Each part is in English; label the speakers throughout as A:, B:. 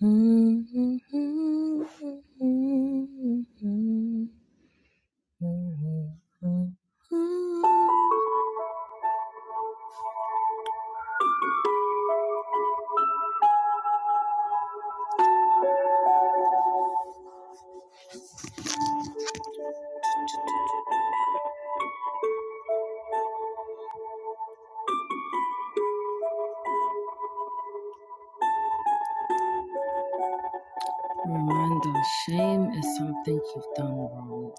A: Remember, shame is something you've done wrong.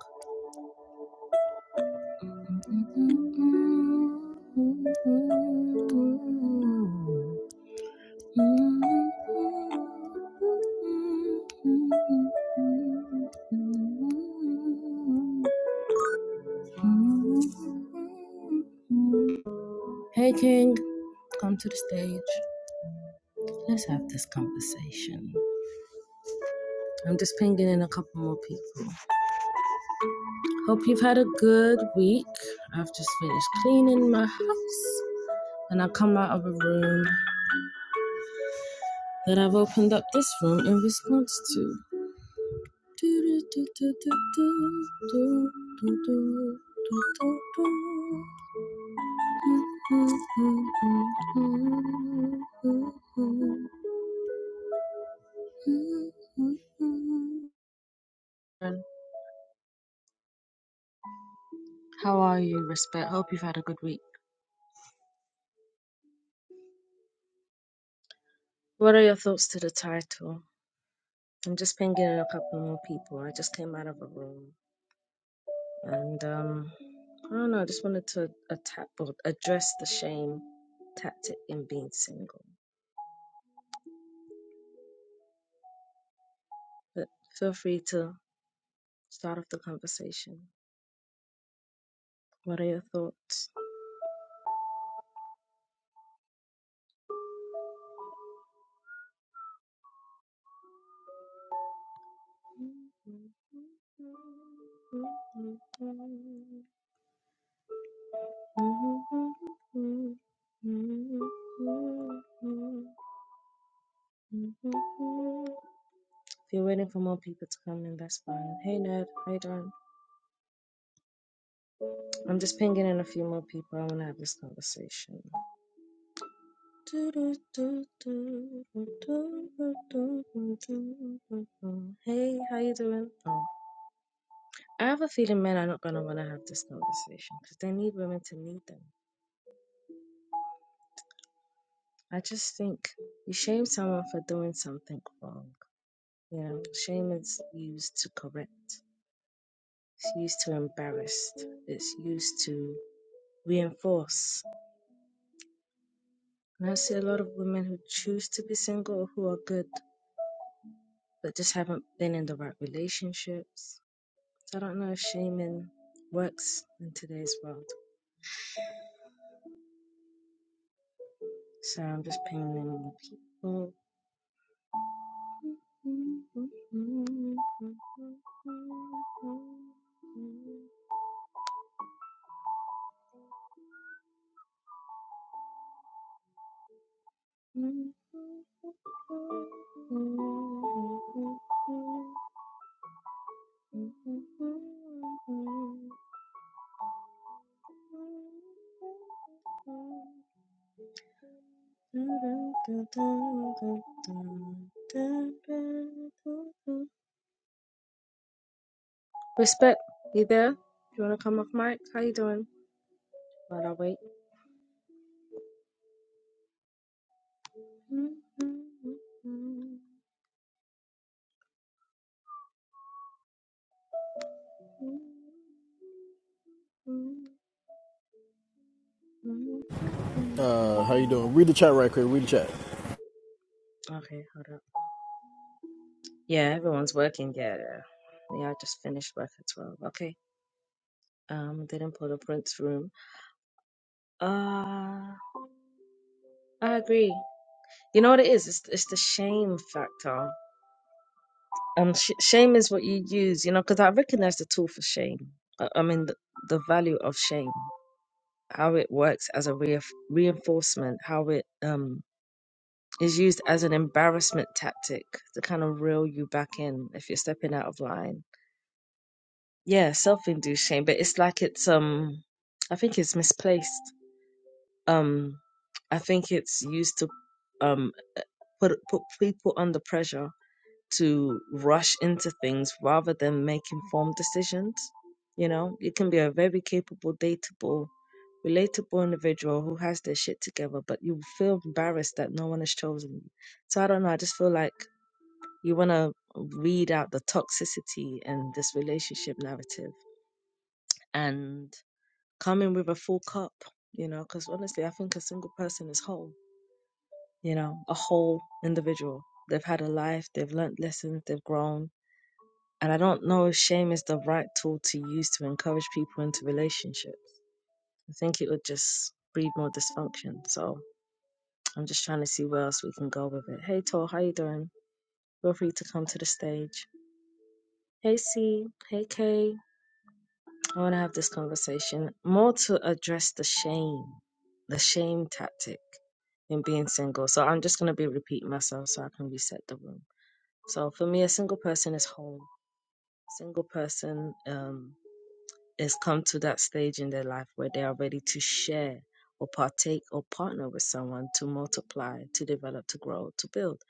A: Hey, King, come to the stage. Let's have this conversation. I'm just pinging in a couple more people. Hope you've had a good week. I've just finished cleaning my house and I come out of a room that I've opened up this room in response to. How are you, Respect? Hope you've had a good week. What are your thoughts to the title? I'm just pinging in a couple more people. I just came out of a room, and um, I don't know. I just wanted to attack or address the shame tactic in being single. But feel free to start off the conversation. What are your thoughts? If you're waiting for more people to come in, that's fine. Hey, Ned. Hey, Don. I'm just pinging in a few more people. I want to have this conversation. Hey, how you doing? Oh, I have a feeling men are not gonna want to have this conversation because they need women to lead them. I just think you shame someone for doing something wrong. You know, shame is used to correct. It's used to embarrass. It's used to reinforce. And I see a lot of women who choose to be single or who are good, but just haven't been in the right relationships. So I don't know if shaming works in today's world. So I'm just pinging in more people. Respect, you there? You wanna come off mic? How you doing? While I wait.
B: Uh, how you doing? Read the chat right quick. Read the chat.
A: Okay, hold up. Yeah, everyone's working. Yeah, yeah. Yeah, I just finished work at twelve. Okay. Um, didn't pull the Prince room. Uh I agree. You know what it is? It's it's the shame factor. Um, sh- shame is what you use, you know, because I recognize the tool for shame. I, I mean, the, the value of shame. how it works as a re- reinforcement, how it um, is used as an embarrassment tactic to kind of reel you back in if you're stepping out of line. Yeah, self-induced shame, but it's like it's um, I think it's misplaced. Um, I think it's used to um put put people under pressure to rush into things rather than make informed decisions. You know, you can be a very capable, dateable, relatable individual who has their shit together, but you feel embarrassed that no one has chosen you. So I don't know. I just feel like you want to weed out the toxicity in this relationship narrative and come in with a full cup, you know, because honestly, I think a single person is whole, you know, a whole individual. They've had a life, they've learnt lessons, they've grown, And I don't know if shame is the right tool to use to encourage people into relationships. I think it would just breed more dysfunction. So I'm just trying to see where else we can go with it. Hey Tor, how you doing? Feel free to come to the stage. Hey C, hey K. I want to have this conversation more to address the shame, the shame tactic in being single. So I'm just gonna be repeating myself so I can reset the room. So for me, a single person is whole. Single person, um, has come to that stage in their life where they are ready to share or partake or partner with someone to multiply, to develop, to grow, to build.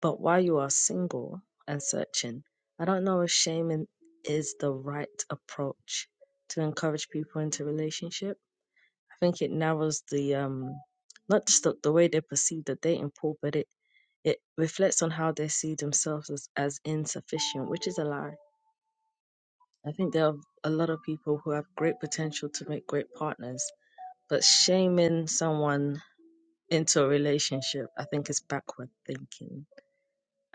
A: But while you are single and searching, I don't know if shaming is the right approach to encourage people into relationship. I think it narrows the um not just the, the way they perceive the dating pool, but it it reflects on how they see themselves as, as insufficient, which is a lie I think there are a lot of people who have great potential to make great partners, but shaming someone into a relationship, I think, is backward thinking.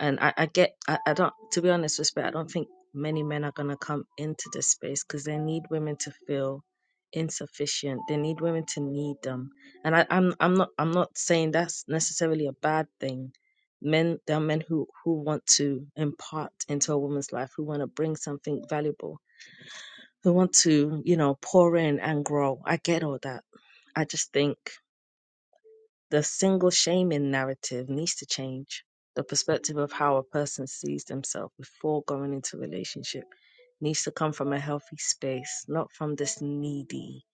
A: And I, I get, I, I don't, to be honest, respect, I don't think many men are going to come into this space because they need women to feel insufficient. They need women to need them. And I, I'm, I'm not, I'm not saying that's necessarily a bad thing. Men, there are men who, who want to impart into a woman's life, who want to bring something valuable who want to, you know, pour in and grow. I get all that. I just think the single shaming narrative needs to change. The perspective of how a person sees themselves before going into a relationship needs to come from a healthy space, not from this needy,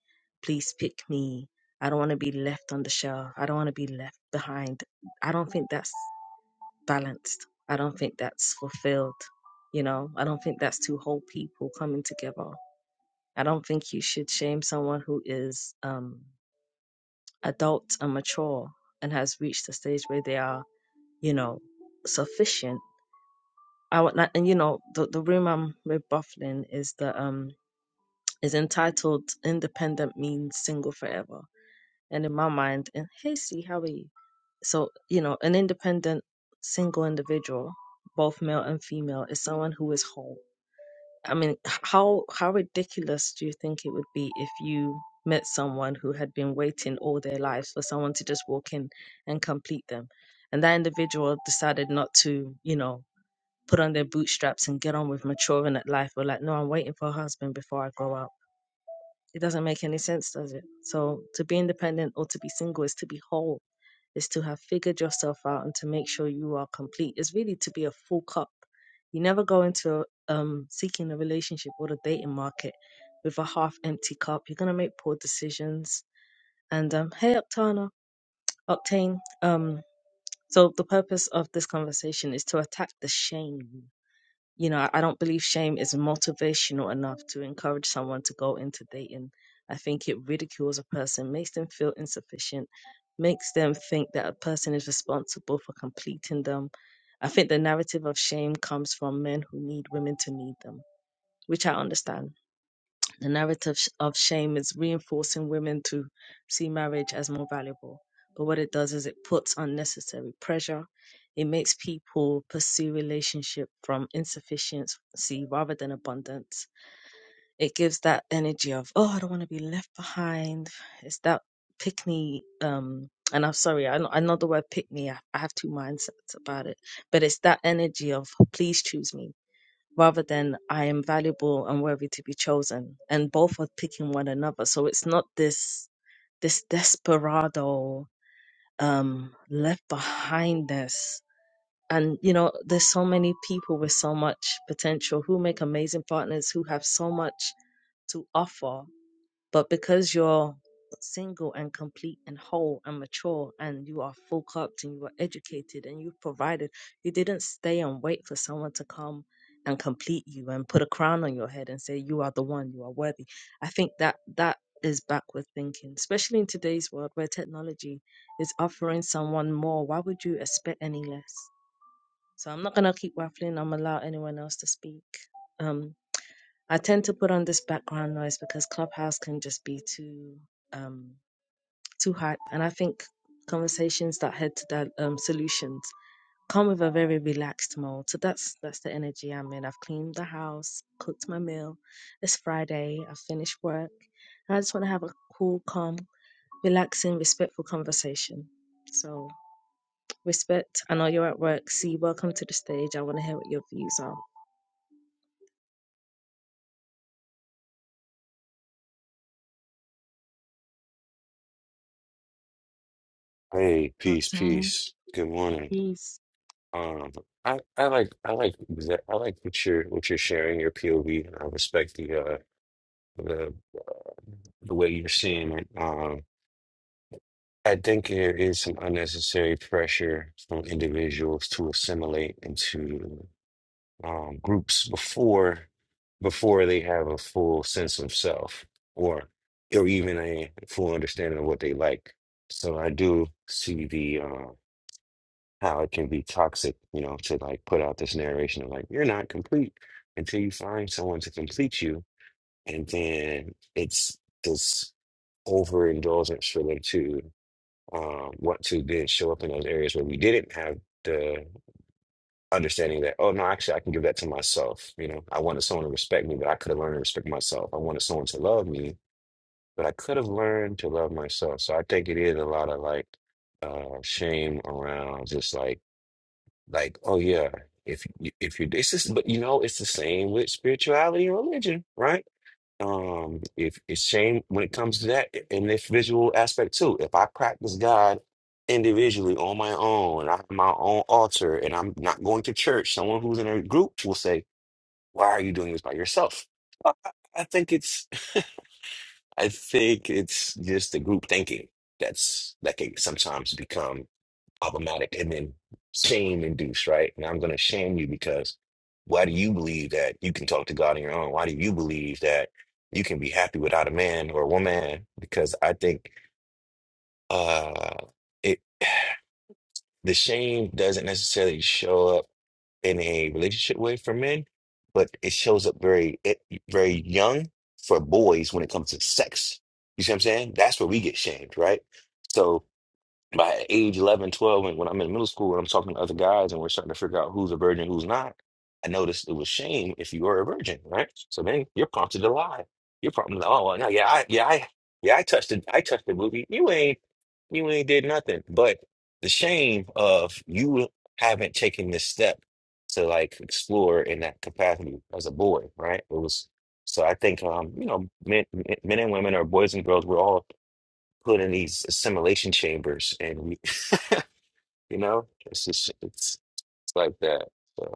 A: please pick me. I don't want to be left on the shelf. I don't want to be left behind. I don't think that's balanced. I don't think that's fulfilled. You know, I don't think that's two whole people coming together I don't think you should shame someone who is um, adult and mature and has reached a stage where they are, you know, sufficient. I would not, and you know, the, the room I'm with Bufflin is the um is entitled "Independent Means Single Forever," and in my mind, and hey, see, how are you? So you know, an independent single individual, both male and female, is someone who is whole I mean, h- how how ridiculous do you think it would be if you met someone who had been waiting all their lives for someone to just walk in and complete them, and that individual decided not to, you know, put on their bootstraps and get on with maturing at life, but like, no, I'm waiting for a husband before I go out. It doesn't make any sense, does it? So to be independent or to be single is to be whole is to have figured yourself out and to make sure you are complete is really to be a full cup. You never go into um, seeking a relationship or the dating market with a half empty cup. You're going to make poor decisions. And um, hey, Octana, Octane. Um, so the purpose of this conversation is to attack the shame. You know, I I don't believe shame is motivational enough to encourage someone to go into dating. I think it ridicules a person, makes them feel insufficient, makes them think that a person is responsible for completing them. I think the narrative of shame comes from men who need women to need them, which I understand the narrative sh- of shame is reinforcing women to see marriage as more valuable. But what it does is it puts unnecessary pressure. It makes people pursue relationship from insufficiency rather than abundance. It gives that energy of, oh, I don't want to be left behind. It's that pick me. Um, and I'm sorry, I know, I know the word pick me. I, I have two mindsets about it, but it's that energy of, please choose me rather than I am valuable and worthy to be chosen. And both are picking one another. So it's not this this desperado um left behindness. And you know, there's so many people with so much potential who make amazing partners who have so much to offer but because you're single and complete and whole and mature and you are full cupped and you are educated and you've provided, you didn't stay and wait for someone to come and complete you and put a crown on your head and say you are the one, you are worthy. I think that that is backward thinking, especially in today's world where technology is offering someone more. Why would you expect any less? So I'm not gonna keep waffling. I'm allow anyone else to speak. Um, I tend to put on this background noise because Clubhouse can just be too um, too hot, and I think conversations that head to that um, solutions come with a very relaxed mode. So that's that's the energy I'm in. I've cleaned the house, cooked my meal. It's Friday. I finished work. And I just want to have a cool, calm, relaxing, respectful conversation. So respect. I know you're at work. See, welcome to the stage. I want to hear what your views are.
C: Hey, peace,
A: Octane,
C: peace. Good morning.
A: peace.
C: Um, I, I like I like exa- I like what you're what you're sharing your POV, and I respect the uh the the way you're seeing it. Um, I think there is some unnecessary pressure from individuals to assimilate into um groups before before they have a full sense of self or or even a full understanding of what they like. So I do see the uh how it can be toxic, you know, to like put out this narration of like, you're not complete until you find someone to complete you. And then it's this overindulgence for them to um, want to then show up in those areas where we didn't have the understanding that, oh, no, actually, I can give that to myself. You know, I wanted someone to respect me, but I could have learned to respect myself. I wanted someone to love me, but I could have learned to love myself. So I think it is a lot of like, uh, shame around just like like, oh yeah, if you if you this is but you know it's the same with spirituality and religion, right? Um, if it's shame when it comes to that in this visual aspect too. If I practice God individually on my own, and I have my own altar, and I'm not going to church, someone who's in a group will say, "Why are you doing this by yourself?" I, I I think it's I think it's just the group thinking that's that can sometimes become problematic and then shame induced, right? And I'm going to shame you because why do you believe that you can talk to God on your own? Why do you believe that you can be happy without a man or a woman? Because I think uh, it the shame doesn't necessarily show up in a relationship way for men, but it shows up very it, very young for boys when it comes to sex. You see what I'm saying? That's where we get shamed, right? So. By age eleven, twelve, 12, when, when I'm in middle school and I'm talking to other guys and we're starting to figure out who's a virgin, who's not, I noticed it was shame if you were a virgin, right? So then you're prompted to lie. You're prompted to, oh, well, no, yeah, I, yeah, I, yeah, I touched it. I touched the booby. You ain't, you ain't did nothing. But the shame of you haven't taken this step to like explore in that capacity as a boy, right? It was, so I think, um, you know, men, men and women or boys and girls, we're all put in these assimilation chambers, and we you know, it's just it's, it's like that. So.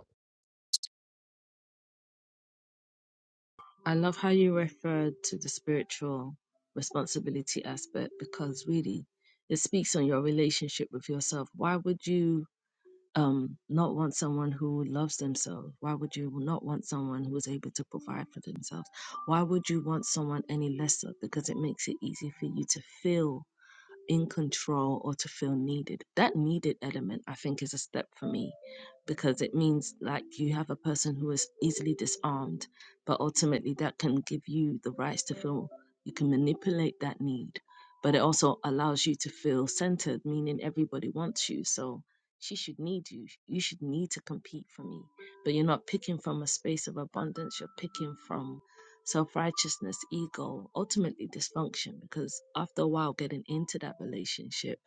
A: I love how you referred to the spiritual responsibility aspect because really it speaks on your relationship with yourself. Why would you um, not want someone who loves themselves? Why would you not want someone who is able to provide for themselves? Why would you want someone any lesser? Because it makes it easy for you to feel in control or to feel needed. That needed element, I think, is a step for me because it means like you have a person who is easily disarmed, but ultimately that can give you the rights to feel you can manipulate that need. But it also allows you to feel centered, meaning everybody wants you. So she should need you. You should need to compete for me. But you're not picking from a space of abundance, you're picking from self righteousness, ego, ultimately dysfunction, because after a while, getting into that relationship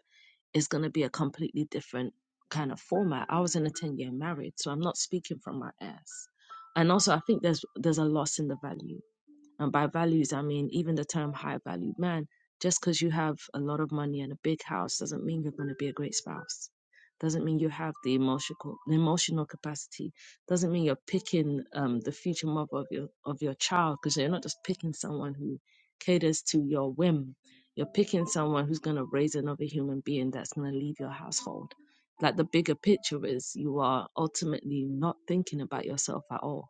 A: is going to be a completely different kind of format. I was in a 10 year marriage, so I'm not speaking from my ass. And also, I think there's there's a loss in the value. And by values, I mean even the term high valued man. Just because you have a lot of money and a big house doesn't mean you're going to be a great spouse. Doesn't mean you have the emotional the emotional capacity. Doesn't mean you're picking um, the future mother of your of your child because you're not just picking someone who caters to your whim. You're picking someone who's going to raise another human being that's going to leave your household. Like the bigger picture is, you are ultimately not thinking about yourself at all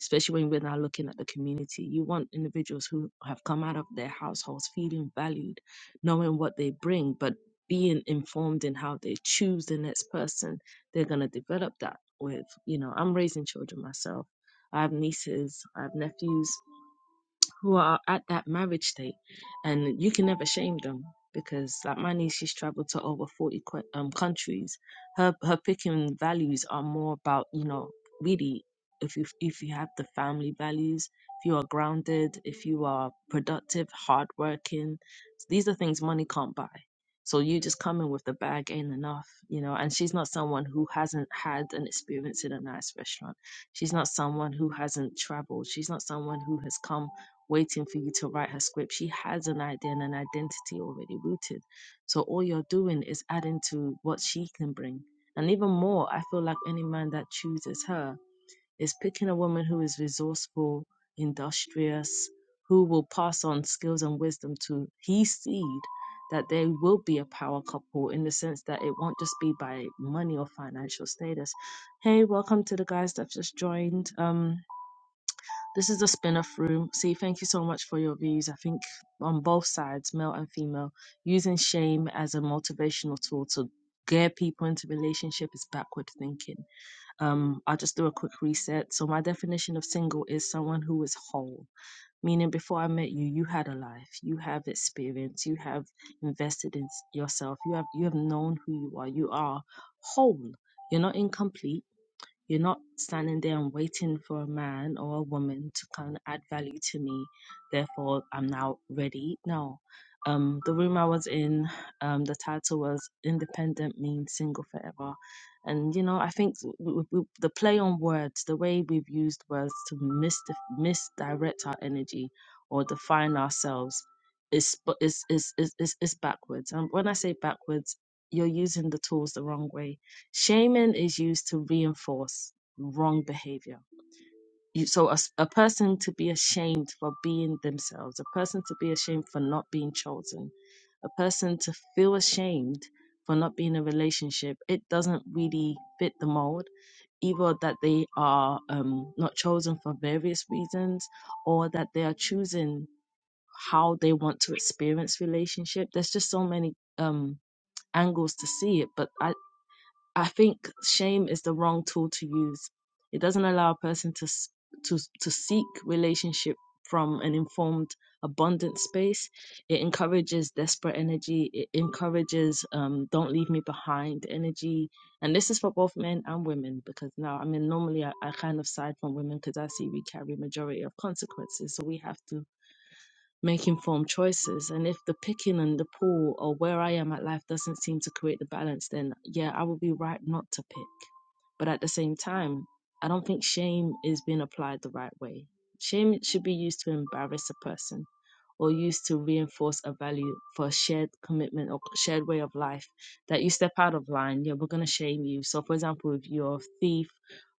A: especially when we're now looking at the community. You want individuals who have come out of their households feeling valued, knowing what they bring, but being informed in how they choose the next person they're going to develop that with. You know, I'm raising children myself. I have nieces, I have nephews, who are at that marriage state, and you can never shame them because, like my niece, she's traveled to over forty qu- um, countries. Her her picking values are more about you know really if you if you have the family values, if you are grounded, if you are productive, hardworking, these are things money can't buy. So you just coming with the bag ain't enough, you know. And she's not someone who hasn't had an experience in a nice restaurant. She's not someone who hasn't traveled. She's not someone who has come waiting for you to write her script. She has an idea and an identity already rooted. So all you're doing is adding to what she can bring. And even more, I feel like any man that chooses her is picking a woman who is resourceful, industrious, who will pass on skills and wisdom to his seed that they will be a power couple in the sense that it won't just be by money or financial status. Hey, welcome to the guys that just joined. Um, this is the spin off room. See, thank you so much for your views. I think on both sides, male and female, using shame as a motivational tool to gear people into relationship is backward thinking. Um, I'll just do a quick reset. So my definition of single is someone who is whole, meaning before I met you, you had a life, you have experience, you have invested in s- yourself, you have you have known who you are. You are whole. You're not incomplete you're not standing there and waiting for a man or a woman to kind of add value to me. Therefore, I'm now ready. No. Um, the room I was in, um, the title was "Independent Means Single Forever," and you know, I think w- w- w- the play on words, the way we've used words to misdif misdirect our energy or define ourselves, is sp- is is is is, is backwards. And when I say backwards, you're using the tools the wrong way Shaming is used to reinforce wrong behavior. You, so, a, s- a person to be ashamed for being themselves, a person to be ashamed for not being chosen, a person to feel ashamed for not being in a relationship, it doesn't really fit the mold. Either that they are um, not chosen for various reasons or that they are choosing how they want to experience relationship. There's just so many um, angles to see it, but I, I think shame is the wrong tool to use. It doesn't allow a person to s- to to seek relationship from an informed, abundant space. It encourages desperate energy. It encourages um, "don't leave me behind" energy, and this is for both men and women because now, I mean, normally I, I kind of side from women because I see we carry majority of consequences, so we have to make informed choices. And if the picking and the pull or where I am at life doesn't seem to create the balance, then yeah, I would be right not to pick. But at the same time, I don't think shame is being applied the right way. Shame should be used to embarrass a person or used to reinforce a value for a shared commitment or shared way of life that you step out of line, yeah, we're going to shame you. So, for example, if you're a thief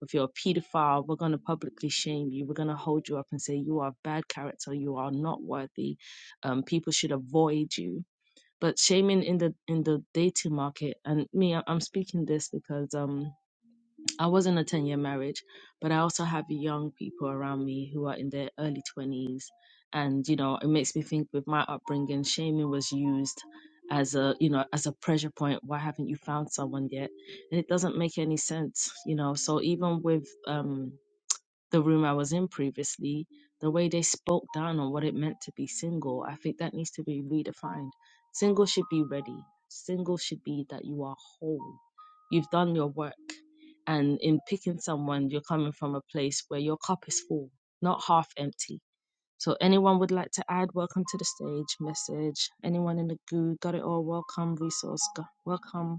A: if you're a pedophile, we're going to publicly shame you. We're going to hold you up and say you are of bad character. You are not worthy. Um, people should avoid you. But shaming in the in the dating market, and me, I- I'm speaking this because um I was in a 10 year marriage, but I also have young people around me who are in their early 20s. And, you know, it makes me think with my upbringing, shaming was used as a, you know, as a pressure point. Why haven't you found someone yet? And it doesn't make any sense, you know. So even with, um, the room I was in previously, the way they spoke down on what it meant to be single, I think that needs to be redefined. Single should be ready. Single should be that you are whole. You've done your work. And in picking someone, you're coming from a place where your cup is full, not half empty. So, anyone would like to add, welcome to the stage, message. Anyone in the goo, got it all, welcome, resource, go- welcome.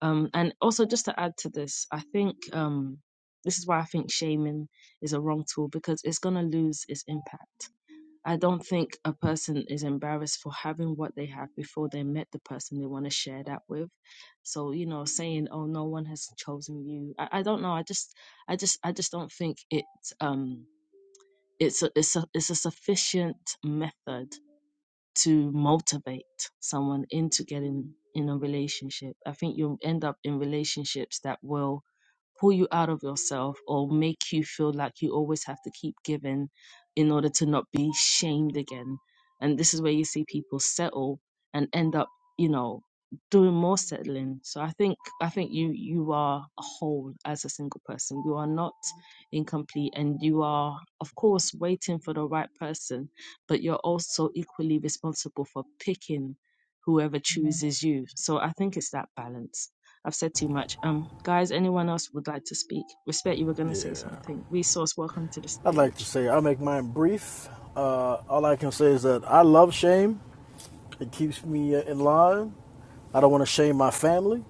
A: Um, and also, just to add to this, I think um, this is why I think shaming is a wrong tool because it's going to lose its impact. I don't think a person is embarrassed for having what they have before they met the person they want to share that with. So, you know, saying, "Oh, no one has chosen you," I, I don't know. I just, I just, I just don't think it. Um, it's a, it's a, it's a sufficient method to motivate someone into getting in a relationship. I think you'll end up in relationships that will pull you out of yourself or make you feel like you always have to keep giving in order to not be shamed again. And this is where you see people settle and end up, you know, doing more settling. So I think I think you you are a whole as a single person. You are not incomplete and you are of course waiting for the right person but you're also equally responsible for picking whoever chooses you. So I think it's that balance. I've said too much. Um, guys, anyone else would like to speak? Respect, you were going to
B: Yeah.
A: say something. Resource, welcome to the
B: I'd like to
A: stage.
B: say I'll make mine brief. Uh, all I can say is that I love shame. It keeps me uh, in line. I don't want to shame my family,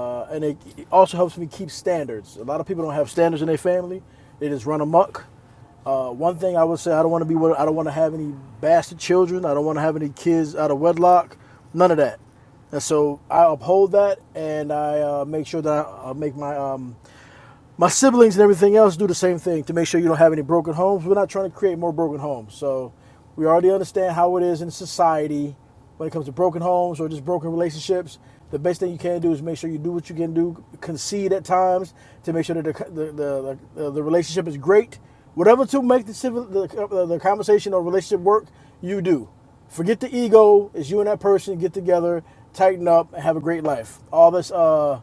B: uh, and it, it also helps me keep standards. A lot of people don't have standards in their family. They just run amok. Uh, one thing I would say, I don't want to be. I don't want to have any bastard children. I don't want to have any kids out of wedlock. None of that. And so I uphold that, and I uh, make sure that I uh, make my um, my siblings and everything else do the same thing to make sure you don't have any broken homes. We're not trying to create more broken homes. So we already understand how it is in society when it comes to broken homes or just broken relationships. The best thing you can do is make sure you do what you can do, concede at times to make sure that the the, the, the, the relationship is great. Whatever to make the, civil, the the conversation or relationship work, you do. Forget the ego. It's you and that person. Get together, tighten up, and have a great life. All this uh,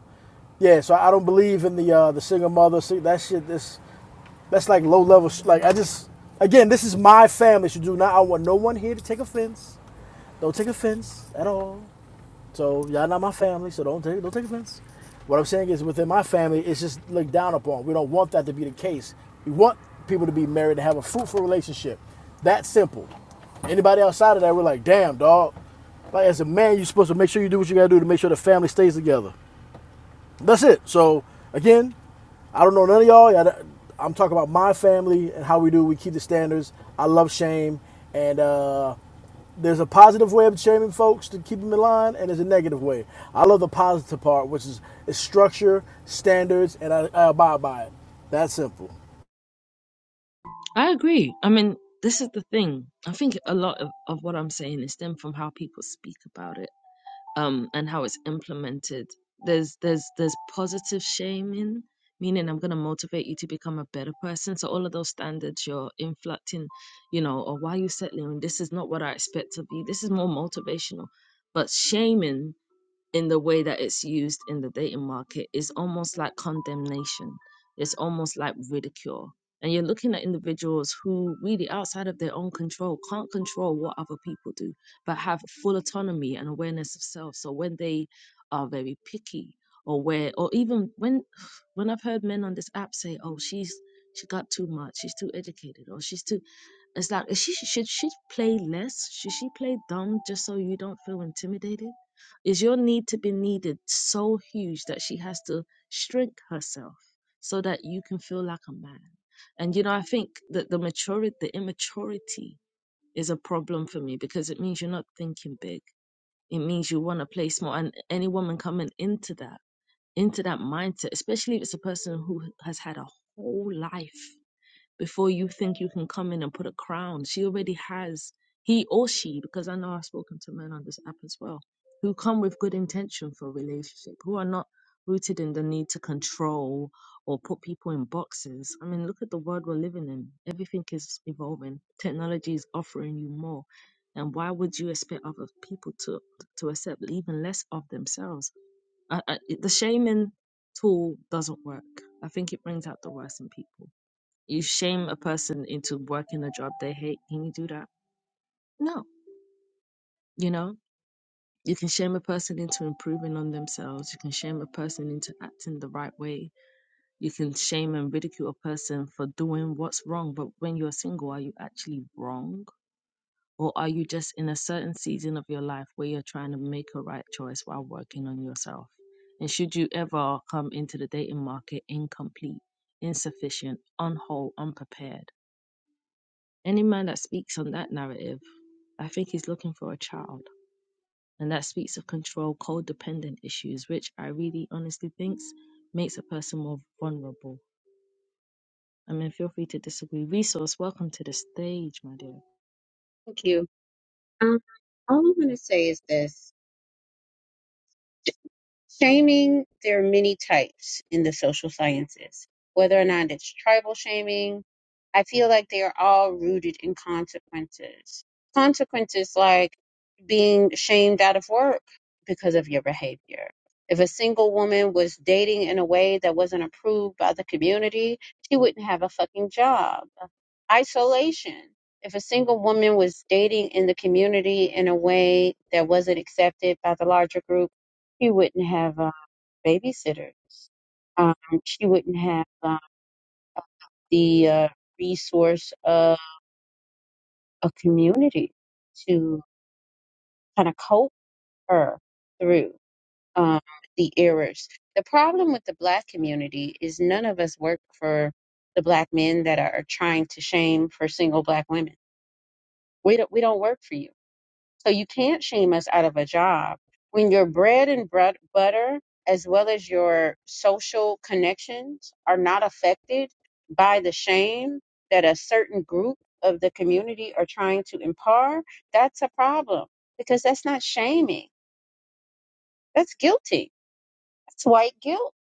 B: yeah, so I don't believe in the uh, the single mother. See, that shit, this, that's like low level. Sh- like I just, again, this is my family. So do not. I want no one here to take offense. Don't take offense at all. So y'all not my family. So don't take don't take offense. What I'm saying is within my family, it's just looked down upon. We don't want that to be the case. We want people to be married and have a fruitful relationship. That simple. Anybody outside of that, we're like, damn, dog. Like as a man, you're supposed to make sure you do what you gotta do to make sure the family stays together that's it. So again, I don't know none of y'all. I'm talking about my family and how we do. We keep the standards. I love shame, and uh, there's a positive way of shaming folks to keep them in line, and there's a negative way. I love the positive part, which is, is structure, standards, and I, I abide by it. That's simple.
A: I agree. I mean, this is the thing. I think a lot of, of what I'm saying is stemmed from how people speak about it um, and how it's implemented. There's there's there's positive shaming, meaning I'm gonna motivate you to become a better person. So all of those standards you're inflecting, you know, or why are you settling? This is not what I expect of you. This is more motivational. But shaming in the way that it's used in the dating market is almost like condemnation. It's almost like ridicule. And you're looking at individuals who really outside of their own control can't control what other people do, but have full autonomy and awareness of self. So when they are very picky or where or even when when I've heard men on this app say, Oh, she's she got too much, she's too educated, or she's too it's like is she should she play less? Should she play dumb just so you don't feel intimidated? Is your need to be needed so huge that she has to shrink herself so that you can feel like a man? And you know, I think that the maturity, the immaturity is a problem for me because it means you're not thinking big. It means you want to play small. And any woman coming into that, into that mindset, especially if it's a person who has had a whole life before you think you can come in and put a crown. She already has he or she, because I know I've spoken to men on this app as well, who come with good intention for a relationship, who are not rooted in the need to control or put people in boxes. I mean, look at the world we're living in. Everything is evolving. Technology is offering you more. And why would you expect other people to to accept even less of themselves? I, I, it- the shaming tool doesn't work. I think it brings out the worst in people. You shame a person into working a job they hate. Can you do that? No. You know, you can shame a person into improving on themselves. You can shame a person into acting the right way. You can shame and ridicule a person for doing what's wrong. But when you're single, are you actually wrong? Or are you just in a certain season of your life where you're trying to make a right choice while working on yourself? And should you ever come into the dating market incomplete, insufficient, unwhole, unprepared? Any man that speaks on that narrative, I think he's looking for a child. And that speaks of control, codependent issues, which I really honestly thinks makes a person more vulnerable. I mean, feel free to disagree. Resource, welcome to the stage, my dear.
D: Thank you. Um, all I'm going to say is this. Shaming, there are many types in the social sciences, whether or not it's tribal shaming. I feel like they are all rooted in consequences. Consequences like being shamed out of work because of your behavior. If a single woman was dating in a way that wasn't approved by the community, she wouldn't have a fucking job. Isolation. If a single woman was dating in the community in a way that wasn't accepted by the larger group, she wouldn't have uh, babysitters. Um, she wouldn't have uh, the uh, resource of a community to kind of cope her through um, the errors. The problem with the black community is none of us work for the black men that are trying to shame for single black women. We don't, we don't work for you So you can't shame us out of a job. When your bread and bread butter, as well as your social connections, are not affected by the shame that a certain group of the community are trying to impart, that's a problem because that's not shaming. That's guilty. That's white guilt.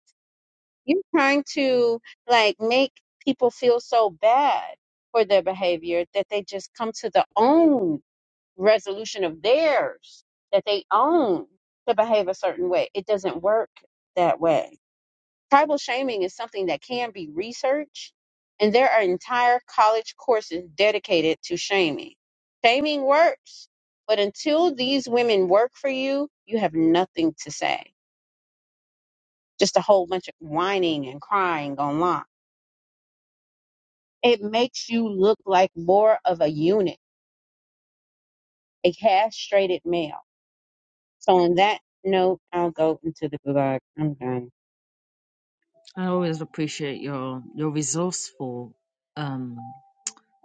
D: You're trying to like make people feel so bad for their behavior that they just come to the own resolution of theirs that they own to behave a certain way. It doesn't work that way. Tribal shaming is something that can be researched, and there are entire college courses dedicated to shaming. Shaming works, but until these women work for you, you have nothing to say. Just a whole bunch of whining and crying online. It makes you look like more of a unit, a castrated male. So on that note, I'll go into the gulag. I'm done.
A: I always appreciate your your resourceful um.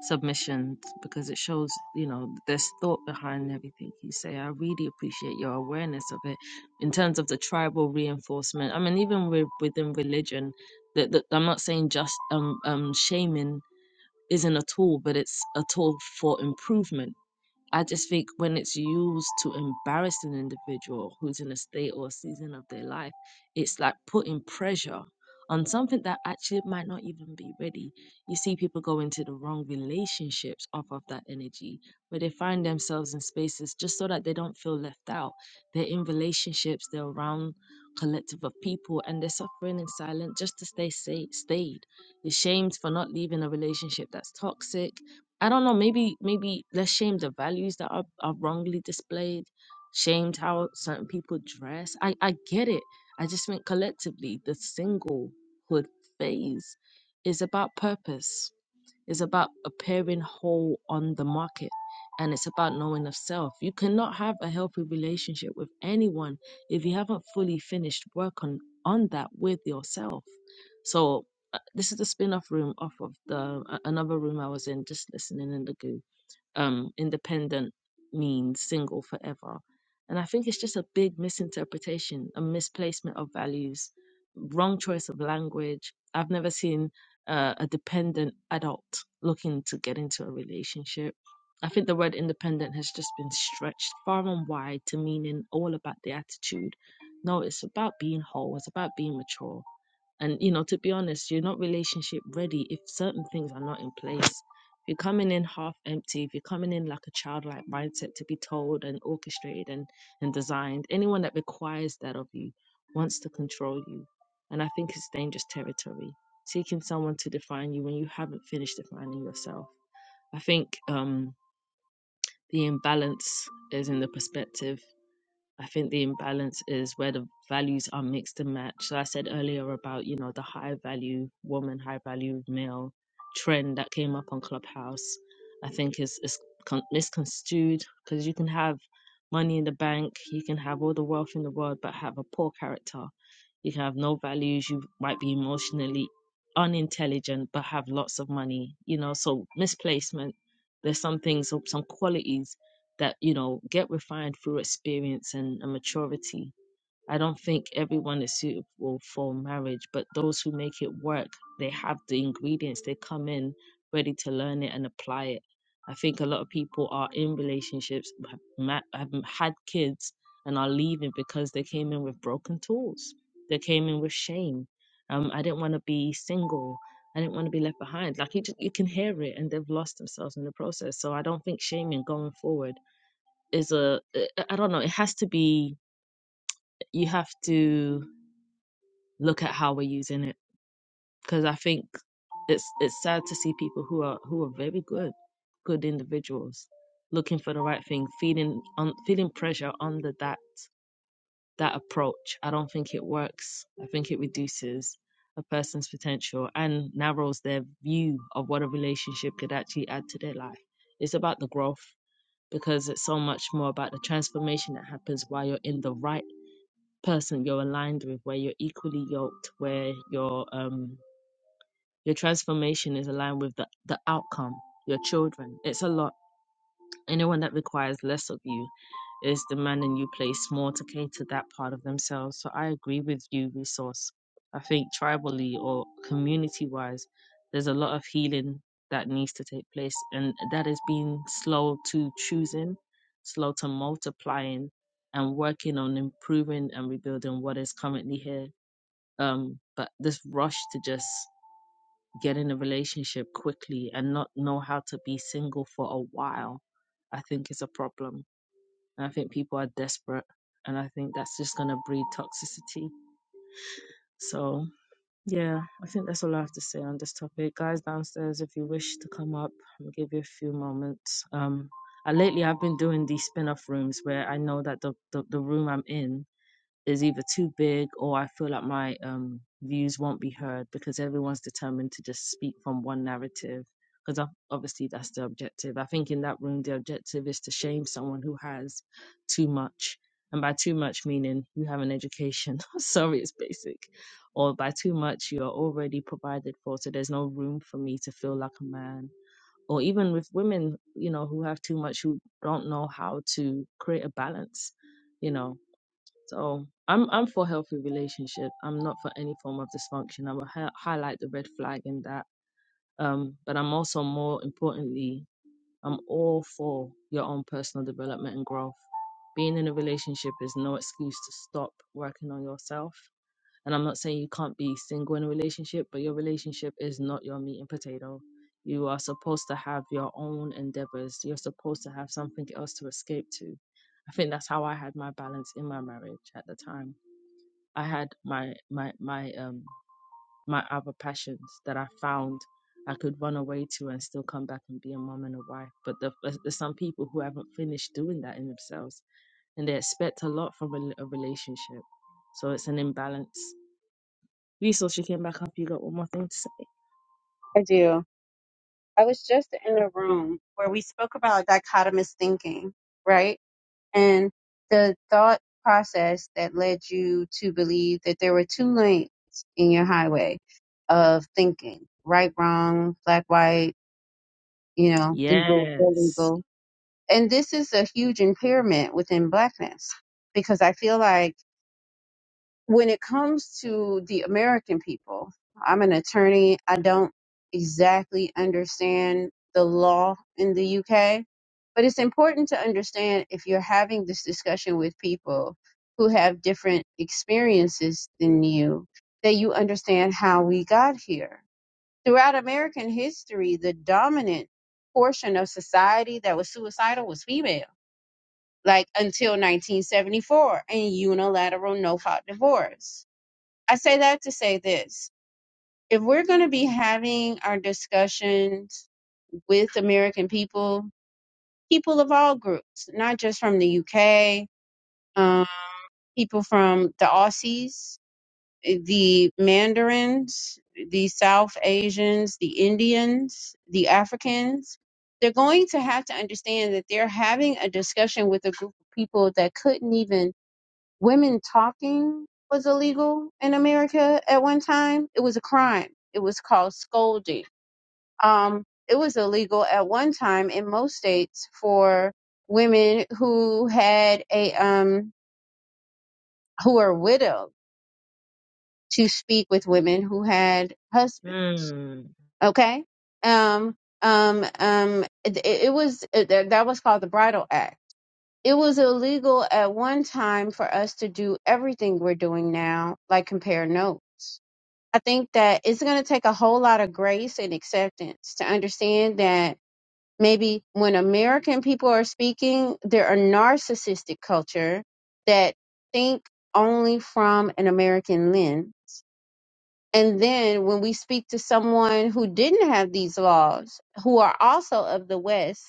A: submissions because it shows, you know, there's thought behind everything you say. I really appreciate your awareness of it in terms of the tribal reinforcement. I mean, even with, within religion, that, that I'm not saying just um, um shaming isn't a tool, but it's a tool for improvement I just think when it's used to embarrass an individual who's in a state or season of their life, it's like putting pressure on something that actually might not even be ready. You see people go into the wrong relationships off of that energy, where they find themselves in spaces just so that they don't feel left out. They're in relationships, they're around collective of people and they're suffering in silence just to stay safe, stayed. You're shamed for not leaving a relationship that's toxic I don't know, maybe maybe let's shame the values that are, are wrongly displayed, shamed how certain people dress. I, I get it. I just think collectively the singlehood phase is about purpose. It's about appearing whole on the market and it's about knowing of self. You cannot have a healthy relationship with anyone if you haven't fully finished work on, on that with yourself. So uh, this is the spin-off room off of the a- another room I was in just listening in the goo um, independent means single forever. And I think it's just a big misinterpretation, a misplacement of values, wrong choice of language. I've never seen uh, a dependent adult looking to get into a relationship. I think the word independent has just been stretched far and wide to meaning all about the attitude. No, it's about being whole, it's about being mature, and you know, to be honest, you're not relationship ready if certain things are not in place. If you're coming in half empty, if you're coming in like a childlike mindset to be told and orchestrated and, and designed, anyone that requires that of you wants to control you. And I think it's dangerous territory. Seeking someone to define you when you haven't finished defining yourself. I think um, the imbalance is in the perspective I think the imbalance is where the values are mixed and matched. So I said earlier about, you know, the high value woman, high value male trend that came up on Clubhouse, I think is, is con- misconstrued because you can have money in the bank, you can have all the wealth in the world, but have a poor character. You can have no values, you might be emotionally unintelligent, but have lots of money, you know, so misplacement. There's some things, some qualities that you know get refined through experience and, and maturity. I don't think everyone is suitable for marriage, but those who make it work, they have the ingredients. They come in ready to learn it and apply it. I think a lot of people are in relationships, have, ma- have had kids, and are leaving because they came in with broken tools. They came in with shame. Um, I didn't want to be single. I didn't want to be left behind. Like you, ju- you can hear it, and they've lost themselves in the process. So I don't think shaming going forward is a I I don't know. It has to be. You have to look at how we're using it because I think it's it's sad to see people who are who are very good, good individuals looking for the right thing, feeling on feeling pressure under that that approach. I don't think it works. I think it reduces a person's potential and narrows their view of what a relationship could actually add to their life. It's about the growth because it's so much more about the transformation that happens while you're in the right person you're aligned with, where you're equally yoked, where your um your transformation is aligned with the, the outcome, your children. It's a lot. Anyone that requires less of you is demanding you place more to cater that part of themselves. So I agree with you, resource. I think tribally or community wise, there's a lot of healing that needs to take place, and that is being slow to choosing, slow to multiplying, and working on improving and rebuilding what is currently here. Um, but this rush to just get in a relationship quickly and not know how to be single for a while, I think is a problem. And I think people are desperate. And I think that's just going to breed toxicity. So, yeah, I think that's all I have to say on this topic. Guys downstairs, if you wish to come up, I'll give you a few moments. Um, I, lately, I've been doing these spin off rooms where I know that the, the, the room I'm in is either too big or I feel like my um, views won't be heard because everyone's determined to just speak from one narrative. Because obviously that's the objective. I think in that room, the objective is to shame someone who has too much. And by too much, meaning you have an education. Sorry, it's basic. Or by too much, you're already provided for. So there's no room for me to feel like a man. Or even with women, you know, who have too much, who don't know how to create a balance you know so I'm I'm for healthy relationship. I'm not for any form of dysfunction. I will hi- highlight the red flag in that. Um, but I'm also more importantly, I'm all for your own personal development and growth. Being in a relationship is no excuse to stop working on yourself. And I'm not saying you can't be single in a relationship, but your relationship is not your meat and potato. You are supposed to have your own endeavors. You're supposed to have something else to escape to. I think that's how I had my balance in my marriage at the time I had my my my um my other passions that I found I could run away to and still come back and be a mom and a wife. But the, but there's some people who haven't finished doing that in themselves, and they expect a lot from a, a relationship. So it's an imbalance. Resource, you came back up. You got one more thing to say.
D: I do. I was just in a room where we spoke about dichotomous thinking, right? And the thought process that led you to believe that there were two lanes in your highway of thinking, right, wrong, black, white, you know, legal,
A: Yes.
D: illegal. And this is a huge impairment within blackness because I feel like when it comes to the American people, I'm an attorney. I don't exactly understand the law in the UK, but it's important to understand if you're having this discussion with people who have different experiences than you, that you understand how we got here. Throughout American history, the dominant portion of society that was suicidal was female, like until 1974 and unilateral no fault divorce I say that to say this. If we're going to be having our discussions with American people, people of all groups, not just from the UK, um, people from the Aussies, eh, the Mandarins, the South Asians, the Indians, the Africans, they're going to have to understand that they're having a discussion with a group of people that couldn't even women talking was illegal in America at one time. It was a crime. It was called scolding. Um, it was illegal at one time in most states for women who had a um who are widowed to speak with women who had husbands.
A: Hmm.
D: Okay. Um. Um. Um. It, it was it, that was called the Bridal Act. It was illegal at one time for us to do everything we're doing now, like compare notes I think that it's going to take a whole lot of grace and acceptance to understand that maybe when American people are speaking, they're a narcissistic culture that think only from an American lens. And then when we speak to someone who didn't have these laws, who are also of the West,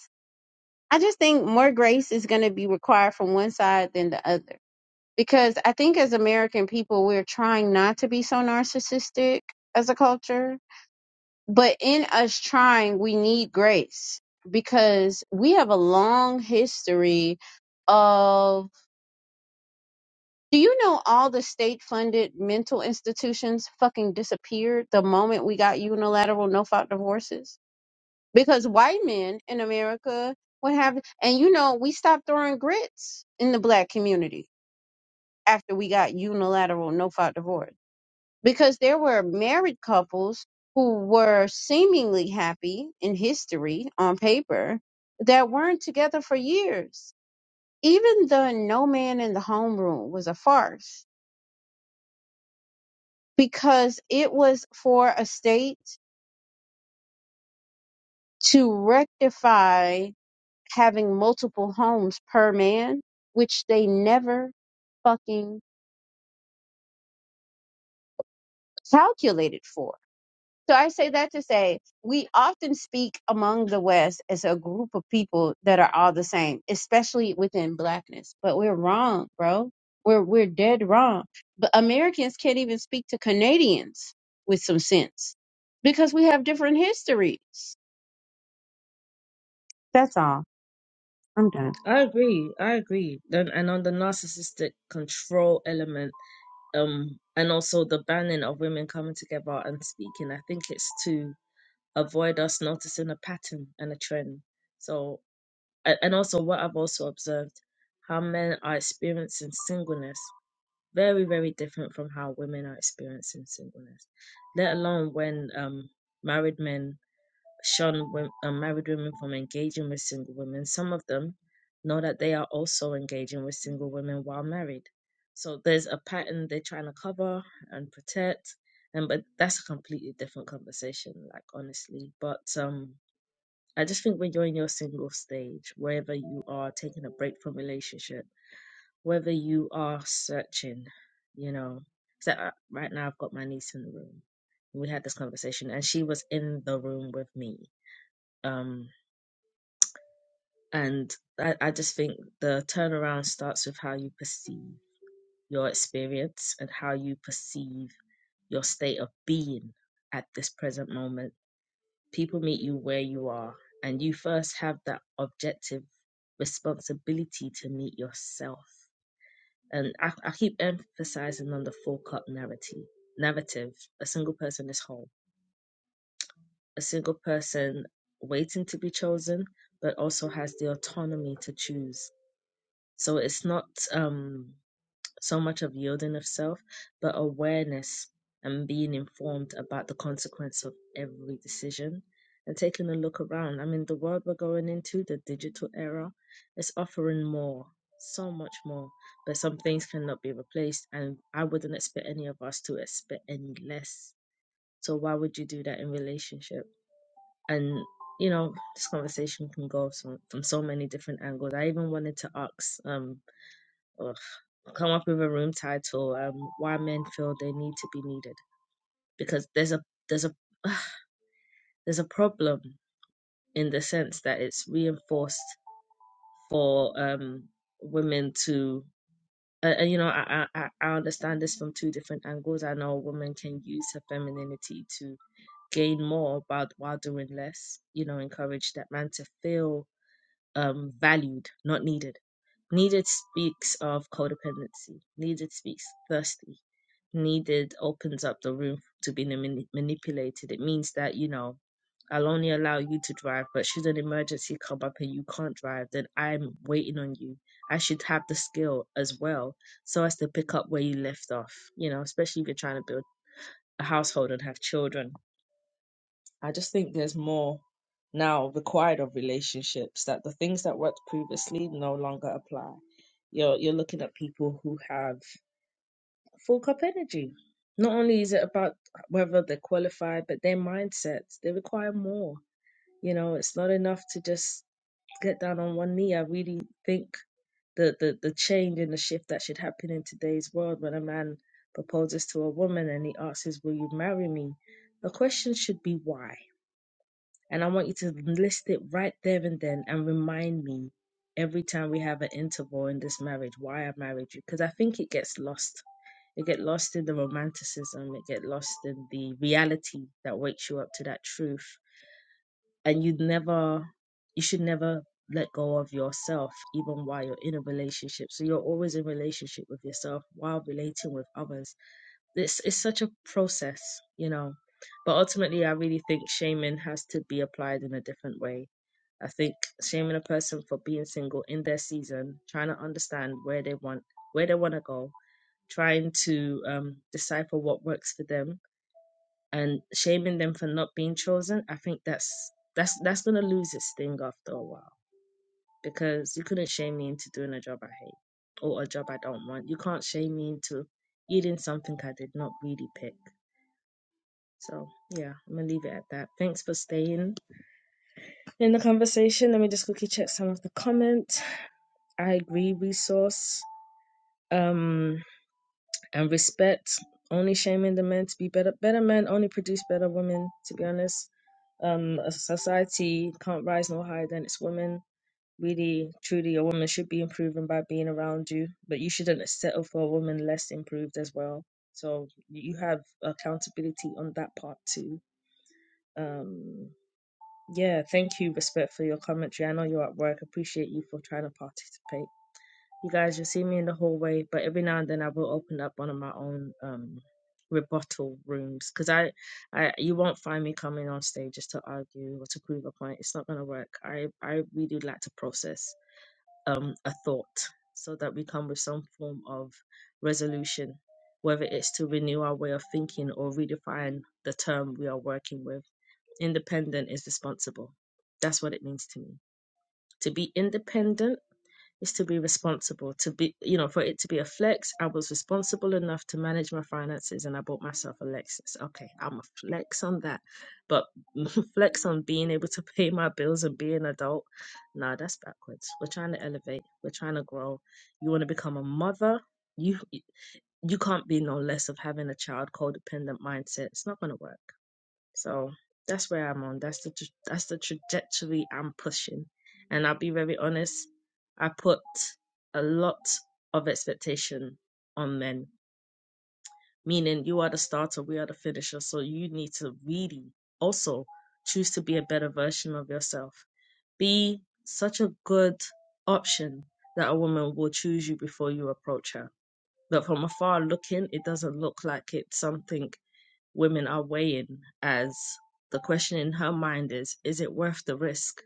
D: I just think more grace is going to be required from one side than the other. Because I think as American people, we're trying not to be so narcissistic as a culture But in us trying, we need grace because we have a long history of. Do you know all the state funded mental institutions fucking disappeared the moment we got unilateral no fault divorces? Because white men in America would have, and you know, we stopped throwing grits in the black community after we got unilateral no fault divorce. because there were married couples who were seemingly happy in history on paper that weren't together for years. Even the no man in the homeroom was a farce because it was for a state to rectify having multiple homes per man, which they never fucking calculated for So I say that to say we often speak among the West as a group of people that are all the same, especially within blackness. But we're wrong, bro. We're we're dead wrong. But Americans can't even speak to Canadians with some sense because we have different histories. That's all. I'm done.
A: I agree. I agree. And, and on the narcissistic control element, um, and also the banning of women coming together and speaking, I think it's too. avoid us noticing a pattern and a trend. So, a- and also what I've also observed, how men are experiencing singleness very, very different from how women are experiencing singleness, let alone when um, married men shun wom- uh, married women from engaging with single women. Some of them know that they are also engaging with single women while married. So there's a pattern they're trying to cover and protect, and but that's a completely different conversation, like honestly. But um, I just think when you're in your single stage, wherever you are taking a break from relationship, whether you are searching, you know, so uh, right now I've got my niece in the room. We had this conversation, and she was in the room with me. Um, And I, I just think the turnaround starts with how you perceive your experience and how you perceive your state of being at this present moment. People meet you where you are, and you first have that objective responsibility to meet yourself. And I, I keep emphasizing on the full cup narrative. Narrative: a single person is whole, a single person waiting to be chosen, but also has the autonomy to choose So it's not um, so much of yielding of self, but awareness and being informed about the consequence of every decision and taking a look around. I mean, the world we're going into, the digital era, is offering more, so much more, but some things cannot be replaced. And I wouldn't expect any of us to expect any less. So why would you do that in relationship? And you know, this conversation can go from, from so many different angles. I even wanted to ask, um, Ugh. Come up with a room title. Um, why men feel they need to be needed because there's a there's a there's a problem in the sense that it's reinforced for um women to uh, uh, you know I, I i I understand this from two different angles i know women can use her femininity to gain more but while doing less you know encourage that man to feel um valued not needed Needed speaks of codependency. Needed speaks thirsty. Needed opens up the room to be mani- manipulated. It means that, you know, I'll only allow you to drive, but should an emergency come up and you can't drive, then I'm waiting on you. I should have the skill as well so as to pick up where you left off, you know, especially if you're trying to build a household and have children I just think there's more now required of relationships that the things that worked previously no longer apply. You're you're looking at people who have full cup energy. Not only is it about whether they're qualified, but their mindsets, they require more. You know, it's not enough to just get down on one knee. I really think the, the, the change and the shift that should happen in today's world when a man proposes to a woman and he asks, Will you marry me? The question should be why and I want you to list it right there and then and remind me every time we have an interval in this marriage why I married you. Because I think it gets lost. It get lost in the romanticism. It get lost in the reality that wakes you up to that truth. And you never, you should never let go of yourself, even while you're in a relationship. So you're always in relationship with yourself while relating with others it's it's such a process, you know. But ultimately, I really think shaming has to be applied in a different way. I think shaming a person for being single in their season, trying to understand where they want where they want to go, trying to um, decipher what works for them, and shaming them for not being chosen. I think that's that's that's gonna lose its sting after a while because you couldn't shame me into doing a job I hate or a job I don't want. You can't shame me into eating something I did not really pick so yeah, I'm gonna leave it at that. Thanks for staying in the conversation. Let me just quickly check some of the comments. I agree, resource um and respect. Only shaming the men to be better. Better men only produce better women. To be honest, um, a society can't rise no higher than its women. Really, truly, a woman should be improving by being around you, but you shouldn't settle for a woman less improved as well. So you have accountability on that part too. Um, Yeah, thank you, Respect, for your commentary. I know you're at work. Appreciate you for trying to participate. You guys, you'll see me in the hallway, but every now and then I will open up one of my own um rebuttal rooms because I, I, you won't find me coming on stage just to argue or to prove a point. It's not gonna work. I, I really like to process um a thought so that we come with some form of resolution, whether it's to renew our way of thinking or redefine the term we are working with Independent is responsible. That's what it means to me. To be independent is to be responsible. To be, you know, for it to be a flex, I was responsible enough to manage my finances and I bought myself a Lexus. Okay, I'm a flex on that. But flex on being able to pay my bills and be an adult, nah, that's backwards. We're trying to elevate, we're trying to grow. You want to become a mother, you you can't be no less of having a child codependent mindset. It's not going to work so that's where I'm on. That's the tra- that's the trajectory I'm pushing. And I'll be very honest, I put a lot of expectation on men, meaning you are the starter, we are the finisher. So you need to really also choose to be a better version of yourself. Be such a good option that a woman will choose you before you approach her. But from afar looking, it doesn't look like it's something women are weighing as the question in her mind is is it worth the risk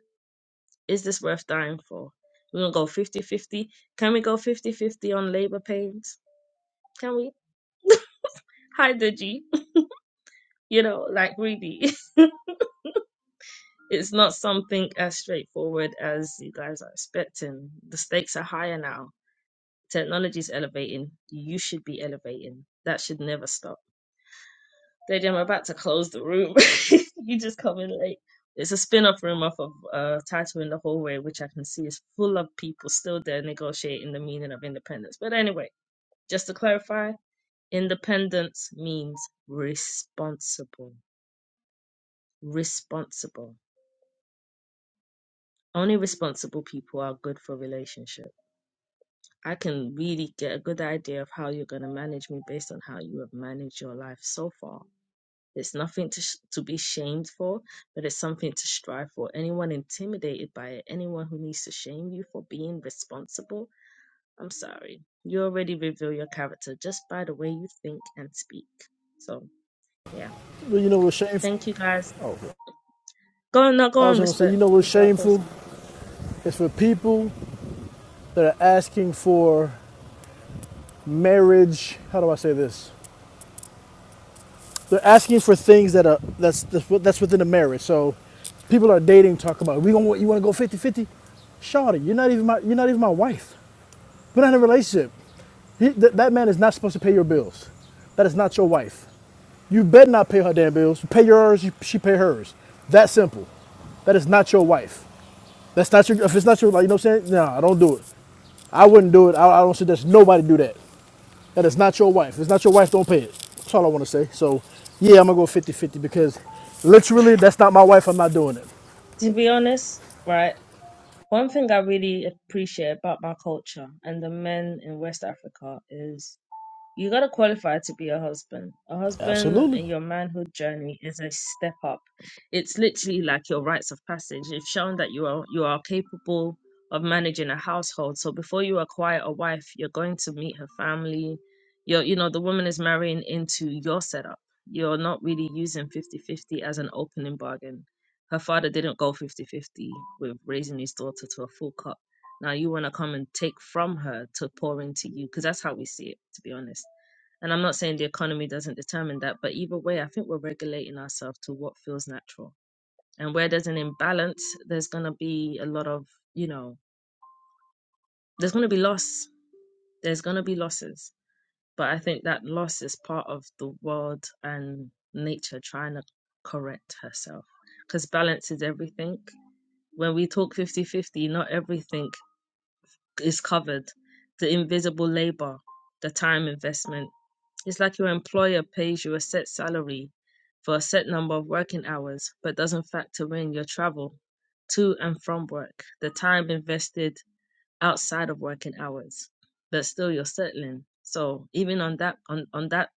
A: is this worth dying for we're gonna go fifty-fifty. can we go fifty-fifty on labor pains can we hi Deji you know like really it's not something as straightforward as you guys are expecting the stakes are higher now technology's elevating you should be elevating that should never stop Daddy, I'm about to close the room. you just come in late. It's a spin-off room off of uh, Tattoo in the Hallway, which I can see is full of people still there negotiating the meaning of independence. But anyway, just to clarify, independence means responsible. Responsible. Only responsible people are good for relationship. I can really get a good idea of how you're going to manage me based on how you have managed your life so far There's nothing to, sh- to be shamed for, but it's something to strive for. Anyone intimidated by it, anyone who needs to shame you for being responsible, I'm sorry. You already reveal your character just by the way you think and speak. So, yeah.
B: Well, you know what's shameful?
A: Thank you guys. Go on, no, go
B: I
A: on,
B: was gonna say, you
A: respect,
B: know what's
A: before I close the
B: shameful?
A: room.
B: It's for people that are asking for marriage. How do I say this? They're asking for things that are that's that's that's within a marriage. So people are dating, talk about we gonna you want to go fifty-fifty? 50 Shawty, you're not even my you're not even my wife. We're not in a relationship. He, th- that man is not supposed to pay your bills. That is not your wife. You better not pay her damn bills. You pay yours, you, she pay hers. That simple. That is not your wife. That's not your. If it's not your, like you know, what I'm saying, nah, I don't do it. I wouldn't do it. I, I don't suggest nobody do that. That is not your wife. If it's not your wife, don't pay it. That's all I want to say. So, yeah, I'm going to go 50 50 because literally, that's not my wife. I'm not doing it.
A: To be honest, right, one thing I really appreciate about my culture and the men in West Africa is You gotta qualify to be a husband. A husband
B: Absolutely.
A: in your manhood journey is a step up. It's literally like your rites of passage. You've shown that you are you are capable of managing a household. So before you acquire a wife, you're going to meet her family. You're you know, the woman is marrying into your setup. You're not really using fifty fifty as an opening bargain. Her father didn't go fifty fifty with raising his daughter to a full cut now you want to come and take from her to pour into you, because that's how we see it, to be honest. And I'm not saying the economy doesn't determine that, but either way, I think we're regulating ourselves to what feels natural. And where there's an imbalance, there's going to be a lot of, you know, there's going to be loss. There's going to be losses. But I think that loss is part of the world and nature trying to correct herself because balance is everything. When we talk 50 50, not everything is covered, the invisible labor, the time investment. It's like your employer pays you a set salary for a set number of working hours, but doesn't factor in your travel to and from work, the time invested outside of working hours, but still you're settling. So even on that on, on that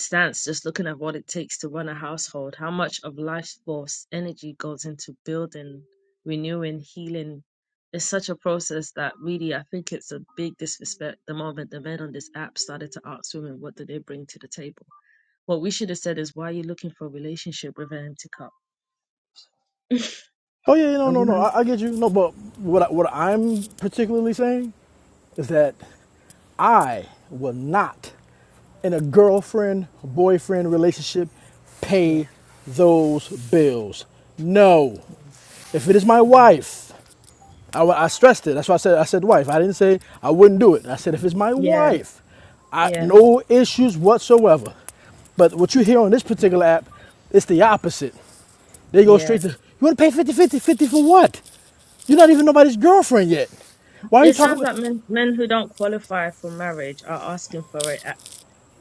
A: stance, just looking at what it takes to run a household, how much of life force energy goes into building, renewing, healing. It's such a process that really, I think it's a big disrespect the moment the men on this app started to ask women, what do they bring to the table? What we should have said is, why are you looking for a relationship with an empty cup?
B: Oh, yeah, no,
A: A
B: no, no.
A: woman
B: I, I get you. No, but what, I, what I'm particularly saying is that I will not, in a girlfriend boyfriend relationship,
A: yeah.
B: pay those bills. No.
A: Mm.
B: If it is my
A: Yeah.
B: wife I, I stressed it. That's why I said I said wife. I didn't say I wouldn't do it. I said if it's my
A: Yeah.
B: wife, I
A: Yeah.
B: no issues whatsoever. But what you hear on this particular app, it's the opposite. They go
A: Yeah.
B: straight to you want to pay 50 50 50 for what? You're not even nobody's girlfriend yet. Why are you
A: It
B: talking
A: sounds
B: about
A: like men, men who don't qualify for marriage are asking for it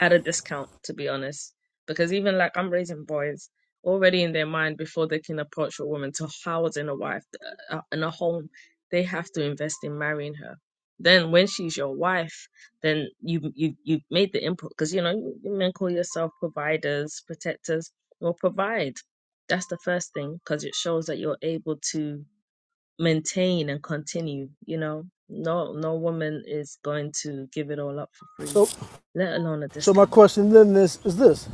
A: at a discount, to be honest. Because even like I'm raising boys already in their mind before they can approach a woman to house in a wife uh, uh, in a home, they have to invest in marrying her. Then when she's your wife, then you you you made the input because you know you you men call yourself providers, protectors. Well, provide. That's the first thing because it shows that you're able to maintain and continue you know no no woman is going to give it all up for free
B: so
A: let alone a
B: so my
A: discount
B: question then is is this.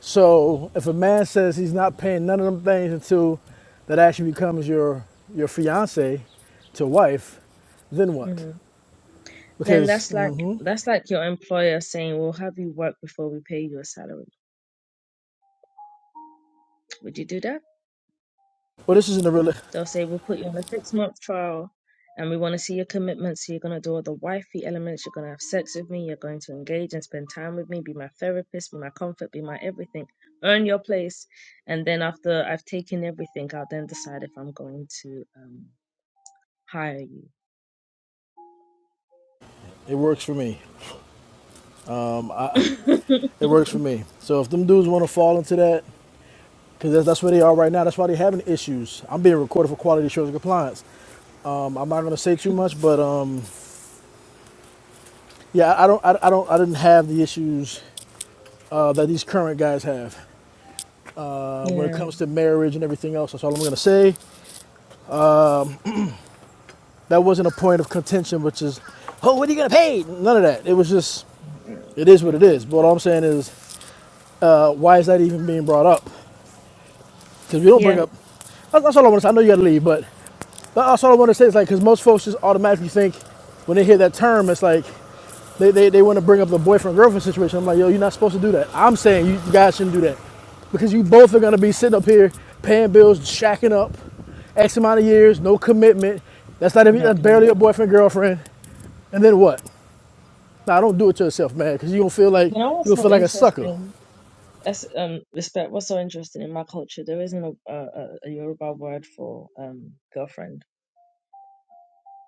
B: So if a man says he's not paying none of them things until that actually becomes your your fiance to wife, then what?
A: hmm then
B: Because
A: that's like
B: mm-hmm.
A: that's like your employer saying we'll have you work before we pay you a salary would you do that
B: Well, this isn't a real.
A: They'll say, We'll put you on a six month trial and we want to see your commitment. So you're going to do all the wifey elements. You're going to have sex with me. You're going to engage and spend time with me, be my therapist, be my comfort, be my everything. Earn your place. And then after I've taken everything, I'll then decide if I'm going to um, hire you.
B: It works for me. It works for me. So if them dudes want to fall into that, because that's, that's where they are right now. That's why they're having issues. I'm being recorded for quality assurance and compliance. Um, I'm not gonna say too much, but um, yeah, I I don't, I, I don't, I didn't have the issues uh, that these current guys have uh, when it
A: yeah.
B: comes to marriage and everything else. That's all I'm gonna say. That wasn't a point of contention, which is, oh, what are you gonna pay? None of that. It was just,
A: Mm,
B: it is what
A: mm.
B: it is. But all I'm saying is, uh, why is that even being brought up? Because we don't bring
A: Yeah.
B: up. That's, all I want to say. I know you got to leave, but that's all I want to say is like, because most folks just automatically think when they hear that term, it's like they, they, they want to bring up the boyfriend girlfriend situation. I'm like, yo, you're not supposed to do that. I'm saying you guys shouldn't do that because you both are going to be sitting up here paying bills, shacking up X amount of years, no commitment. That's not even
A: No
B: that's barely a
A: commitment.
B: boyfriend girlfriend. And then what? Now, nah, don't do it to yourself, man, because you're going to feel like
A: You know
B: you're
A: what's
B: going to feel
A: so
B: like a sucker.
A: interesting? That's, um, respect. What's so interesting in my culture, there isn't a, a, a a Yoruba word for um, girlfriend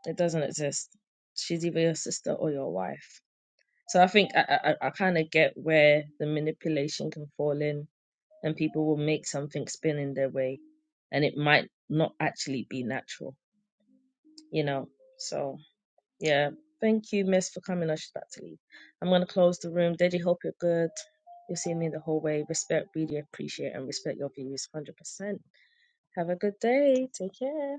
A: It doesn't exist. She's either your sister or your wife. So I think I I, I kind of get where the manipulation can fall in, and people will make something spin in their way, and it might not actually be natural, you know. So yeah, thank you, Miss, for coming. I should about to leave. I'm gonna close the room. Deji, hope you're good. You've seen me the whole way. Respect, really appreciate, and respect your views 100%. Have a good day. Take care.